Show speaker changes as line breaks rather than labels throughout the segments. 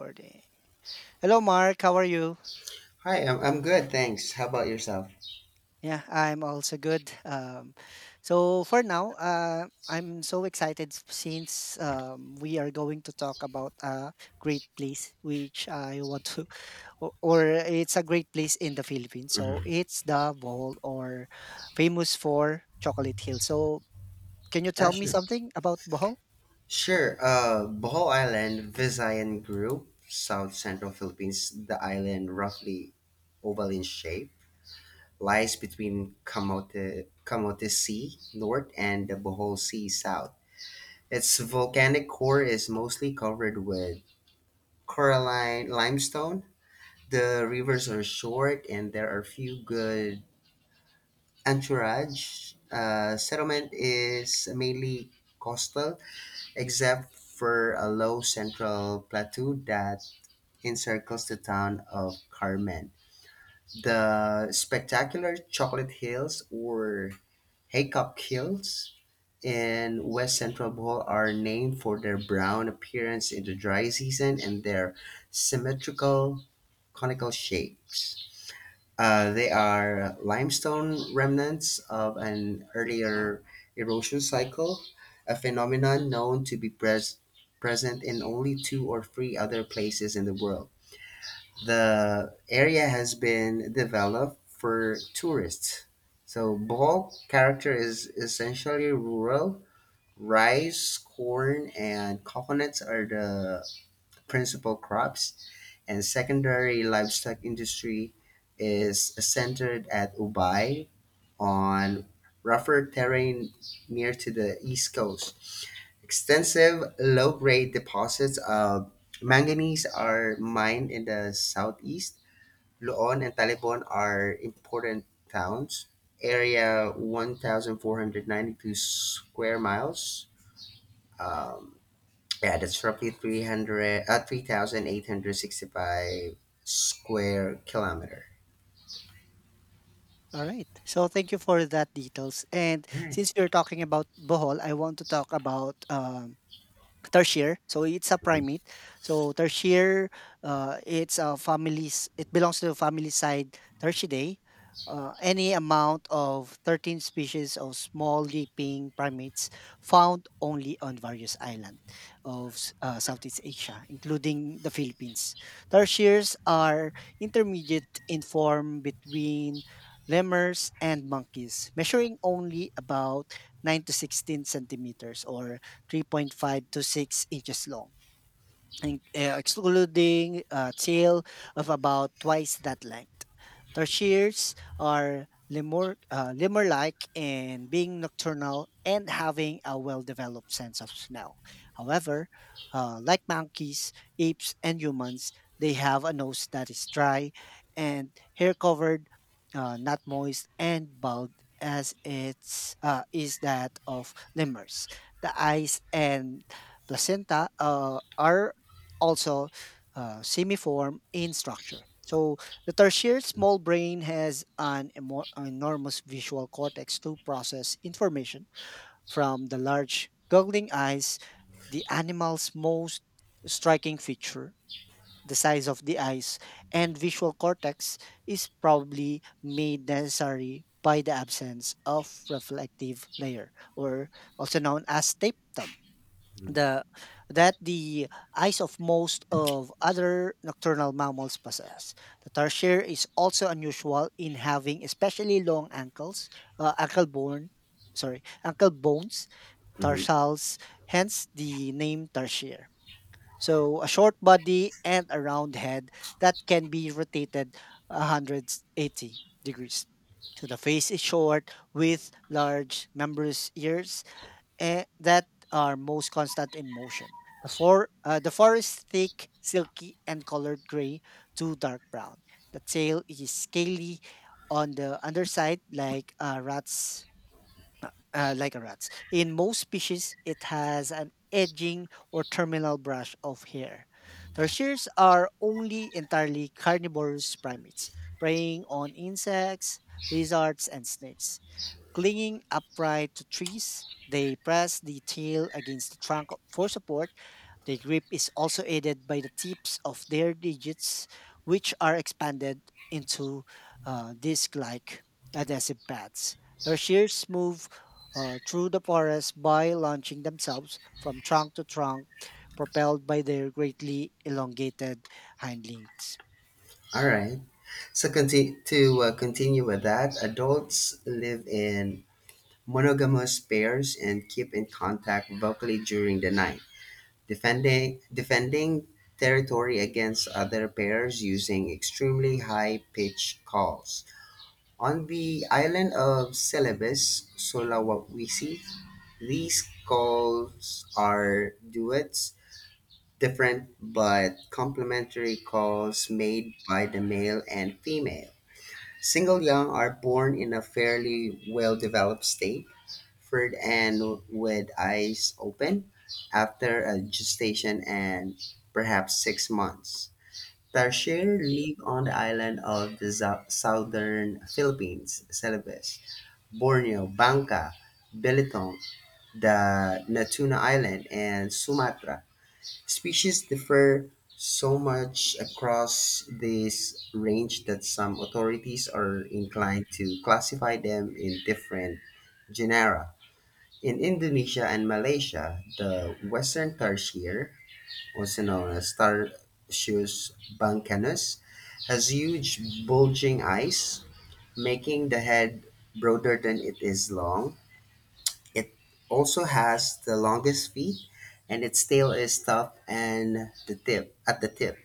Recording. Hello, Mark. How are you?
Hi, I'm good, thanks. How about yourself?
Yeah, I'm also good. So for now, I'm so excited since we are going to talk about a great place, which I want to, or it's a great place in the Philippines.
Hmm.
So it's the Bohol, or famous for Chocolate Hill. So can you
Yeah,
tell me
sure.
something about Bohol?
Sure. Bohol Island, Visayan group, South Central Philippines. The island, roughly oval in shape, lies between Camote Sea north and the Bohol Sea south. Its volcanic core is mostly covered with coralline limestone. The rivers are short, and there are few good entourage. Settlement is mainly coastal except for a low central plateau that encircles the town of Carmen. The spectacular Chocolate Hills or Haycock Hills in west central Bohol are named for their brown appearance in the dry season and their symmetrical conical shapes. They are limestone remnants of an earlier erosion cycle, a phenomenon known to be present in only two or three other places in the world. The area has been developed for tourists. So, Bohol character is essentially rural. Rice, corn, and coconuts are the principal crops, and secondary livestock industry is centered at Ubay on rougher terrain near to the east coast. Extensive low-grade deposits of manganese are mined in the southeast. Luon and Talibon are important towns. Area 1,492 square miles. Um, yeah, that's roughly 3,865 square kilometer.
All right. So thank you for that details. And since we're talking about Bohol, I want to talk about tertiary, so it's a
Mhm,
primate, so tertiary, it's a family's it belongs to the family side tertidae, any amount of 13 species of small leaping primates found only on various islands of Southeast Asia, including the Philippines. Tertiaries are intermediate in form between lemurs and monkeys, measuring only about 9 to 16 centimeters or three point five to 6 inches long. Excluding a tail of about twice that length. Tarsiers are lemur-like in being nocturnal and having a well-developed sense of smell. However, like monkeys, apes, and humans, they have a nose that is dry and hair covered, not moist, and bald as its is that of lemurs. The eyes and placenta are also semiform in structure. So the tertiary small brain has an enormous visual cortex to process information from the large goggling eyes, the animal's most striking feature, the size of the eyes, and visual cortex is probably made necessary by the absence of reflective layer, or also known as tapetum, the that the eyes of most of other nocturnal mammals possess. The tarsier is also unusual in having especially long ankles, ankle bone, sorry, ankle bones,
mhm.
tarsals, hence the name tarsier. So a short body and a round head that can be rotated 180 degrees. So the face is short with large membranous ears that are most constant in motion. The fur is thick, silky, and colored gray to dark brown. The tail is scaly on the underside, like a rat's. In most species, it has an edging or terminal brush of hair. Tertiaries are only entirely carnivorous primates, preying on insects, lizards, and snakes. Clinging upright to trees, they press the tail against the trunk for support. The grip is also aided by the tips of their digits, which are expanded into disc like adhesive pads. Their shears move through the forest by launching themselves from trunk to trunk, propelled by their greatly elongated hindlegs.
All right. So conti- to continue with that, adults live in monogamous pairs and keep in contact vocally during the night, defending territory against other pairs using extremely high pitched calls. On the island of Celebes, Sulawesi, these calls are duets, different but complementary calls made by the male and female. Single young are born in a fairly well developed state, furred and with eyes open after a gestation and perhaps 6 months. Tarsier live on the island of the southern Philippines, Celebes, Borneo, Bangka, Belitung, the Natuna Island, and Sumatra. Species differ so much across this range that some authorities are inclined to classify them in different genera. In Indonesia and Malaysia, the western tarsier, also known as Tarsius bancanus, has huge bulging eyes, making the head broader than it is long. It also has the longest feet, and its tail is tough and the tip at the tip.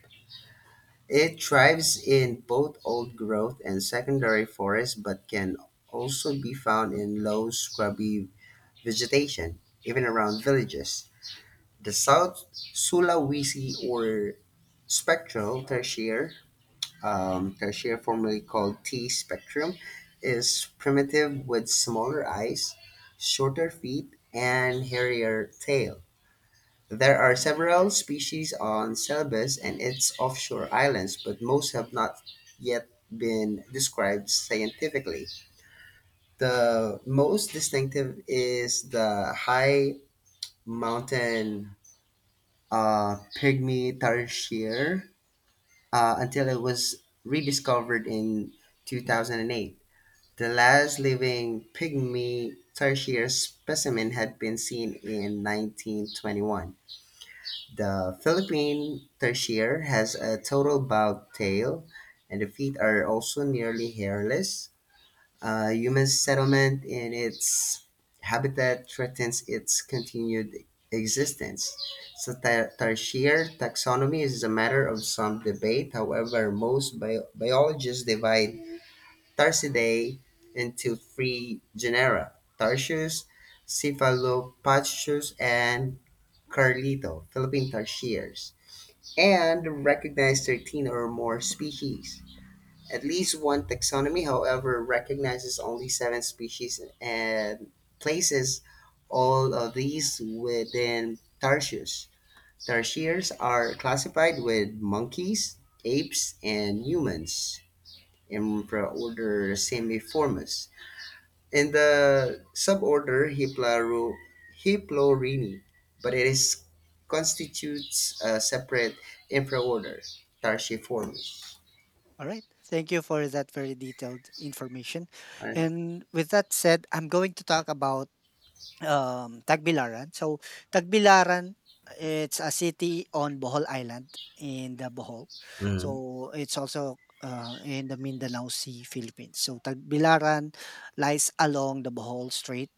It thrives in both old growth and secondary forests, but can also be found in low scrubby vegetation, even around villages. The South Sulawesi or spectral tertiary, Tertia, formerly called T spectrum, is primitive with smaller eyes, shorter feet, and hairier tail. There are several species on Celebes and its offshore islands, but most have not yet been described scientifically. The most distinctive is the high mountain pygmy tarsier until it was rediscovered in 2008. The last living pygmy tertiary specimen had been seen in 1921. The Philippine tertiary has a total bowed tail, and the feet are also nearly hairless. Human settlement in its habitat threatens its continued existence. So, tertiary taxonomy is a matter of some debate. However, most biologists divide Tarsidae into three genera: Tarsius, Cephalopachyus, and Carlito, Philippine tarsiers, and recognize 13 or more species. At least one taxonomy, however, recognizes only seven species and places all of these within Tarsius. Tarsiers are classified with monkeys, apes, and humans in the order Semiformis, in the suborder Hiplaro, Hiplorini, but it is constitutes a separate infraorder, Tarsiformes.
All right. Thank you for that very detailed information.
Alright.
And with that said, I'm going to talk about Tagbilaran. So, Tagbilaran, it's a city on Bohol Island in the Bohol.
Mhm,
So, it's also, in the Mindanao Sea, Philippines. So, Tagbilaran lies along the Bohol Strait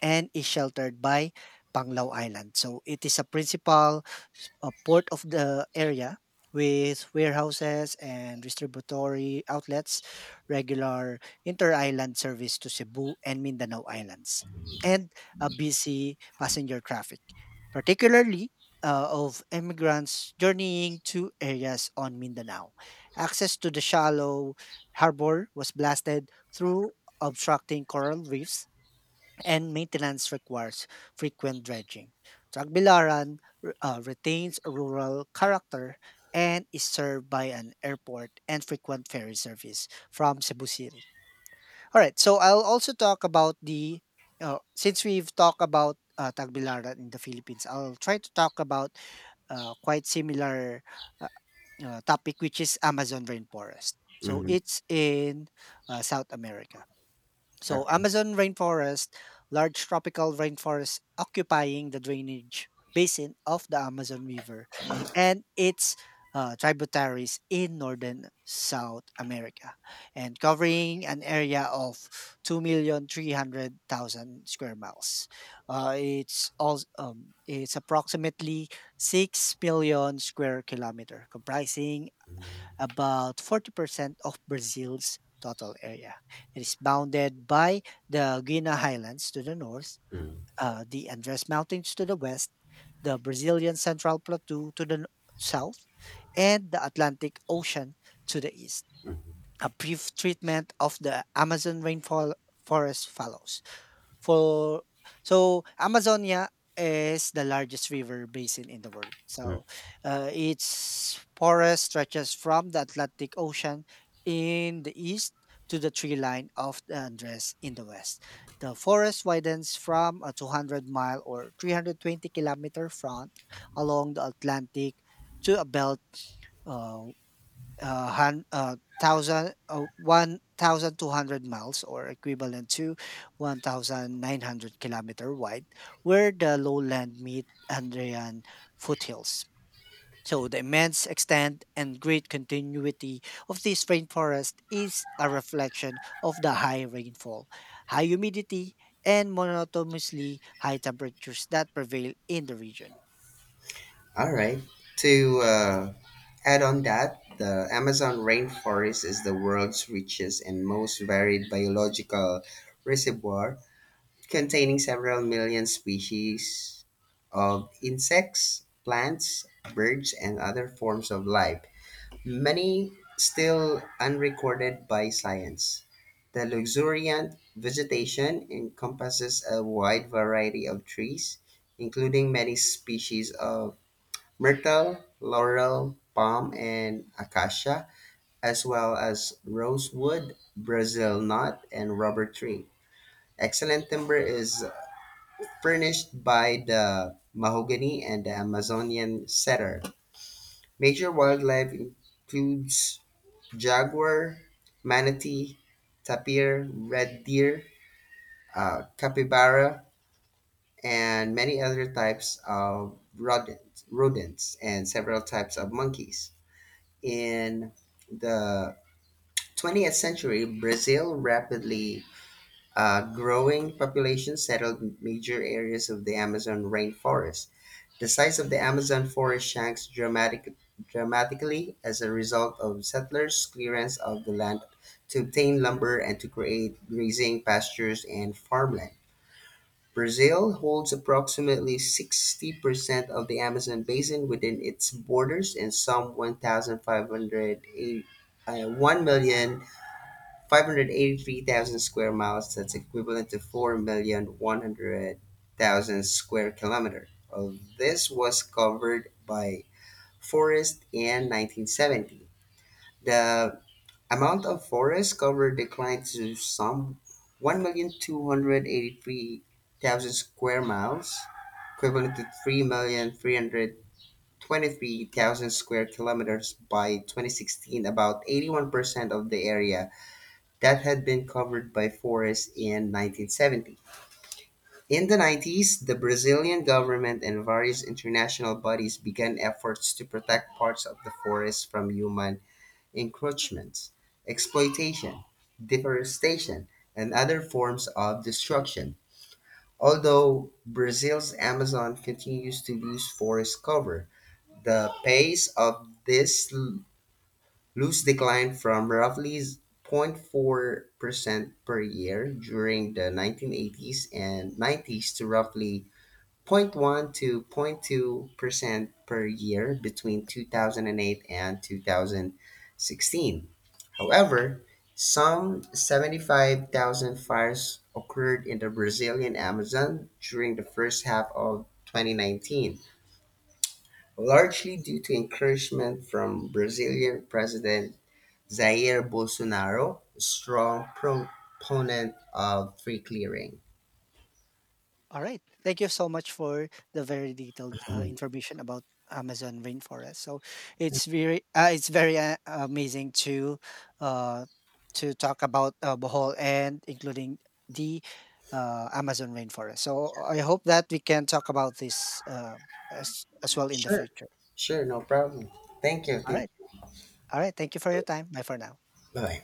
and is sheltered by Panglao Island. So it is a principal port of the area with warehouses and distributory outlets, regular inter-island service to Cebu and Mindanao Islands, and a busy passenger traffic, particularly of immigrants journeying to areas on Mindanao. Access to the shallow harbor was blasted through obstructing coral reefs, and maintenance requires frequent dredging. Tagbilaran retains a rural character and is served by an airport and frequent ferry service from Cebu City. All right, so I'll also talk about the since we've talked about Tagbilaran in the Philippines, I'll try to talk about quite similar uh, topic, which is Amazon rainforest. So
mhm.
it's in South America. So,
Okay.
Amazon rainforest, large tropical rainforest occupying the drainage basin of the Amazon River and its tributaries in northern South America, and covering an area of 2,300,000 square miles. It's approximately 6 billion square kilometer, comprising about 40% of Brazil's total area. It is bounded by the Guiana Highlands to the north, the Andes Mountains to the west, the Brazilian Central Plateau to the south, and the Atlantic Ocean to the east. A brief treatment of the Amazon rainfall forest follows. For so Amazonia is the largest river basin in the world. So its forest stretches from the Atlantic Ocean in the east to the tree line of the Andes in the west. The forest widens from a 200 mile or 320-kilometer front along the Atlantic to a belt uh, hun- thousand 1,200 miles, or equivalent to 1,900 kilometer wide, where the lowland meet Andean foothills. So the immense extent and great continuity of this rainforest is a reflection of the high rainfall, high humidity, and monotonously high temperatures that prevail in the region.
All right. To add on that, the Amazon rainforest is the world's richest and most varied biological reservoir, containing several million species of insects, plants, birds, and other forms of life, many still unrecorded by science. The luxuriant vegetation encompasses a wide variety of trees, including many species of myrtle, laurel, palm, and acacia, as well as rosewood, Brazil knot, and rubber tree. Excellent timber is furnished by the mahogany and the Amazonian cedar. Major wildlife includes jaguar, manatee, tapir, red deer, capybara, and many other types of rodents, and several types of monkeys. In the 20th century, Brazil rapidly growing population settled major areas of the Amazon rainforest. The size of the Amazon forest dramatically as a result of settlers' clearance of the land to obtain lumber and to create grazing pastures and farmland. Brazil holds approximately 60% of the Amazon basin within its borders, and some 1,508 uh, 1 million 583,000 square miles, that's equivalent to 4,100,000 square kilometer. Of this was covered by forest in 1970. The amount of forest covered declined to some 1,283,000 square miles, equivalent to 3,323,000 square kilometers by 2016, about 81% of the area that had been covered by Forrest in 1970. In the 90s, the Brazilian government and various international bodies began efforts to protect parts of the forest from human encroachments, exploitation, deforestation, and other forms of destruction. Although Brazil's Amazon continues to lose forest cover, the pace of this Loans declined from roughly 0.4% per year during the 1980s and 90s to roughly zero point 0.1 to 0.2% per year between 2008 and 2016. However, some 75,000 fires occurred in the Brazilian Amazon during the first half of 2019, largely due to encouragement from Brazilian President Jair Bolsonaro, a strong proponent of free clearing.
All right. Thank you so much for the very detailed
Mhm.
information about Amazon rainforest. So it's very amazing to uh, to talk about Bohol and including the Amazon rainforest. So I hope that we can talk about this as well in the
Sure,
future.
sure, no problem. Thank you,
All
thank
right.
you.
All right. Thank you for your time. Bye for now.
Bye.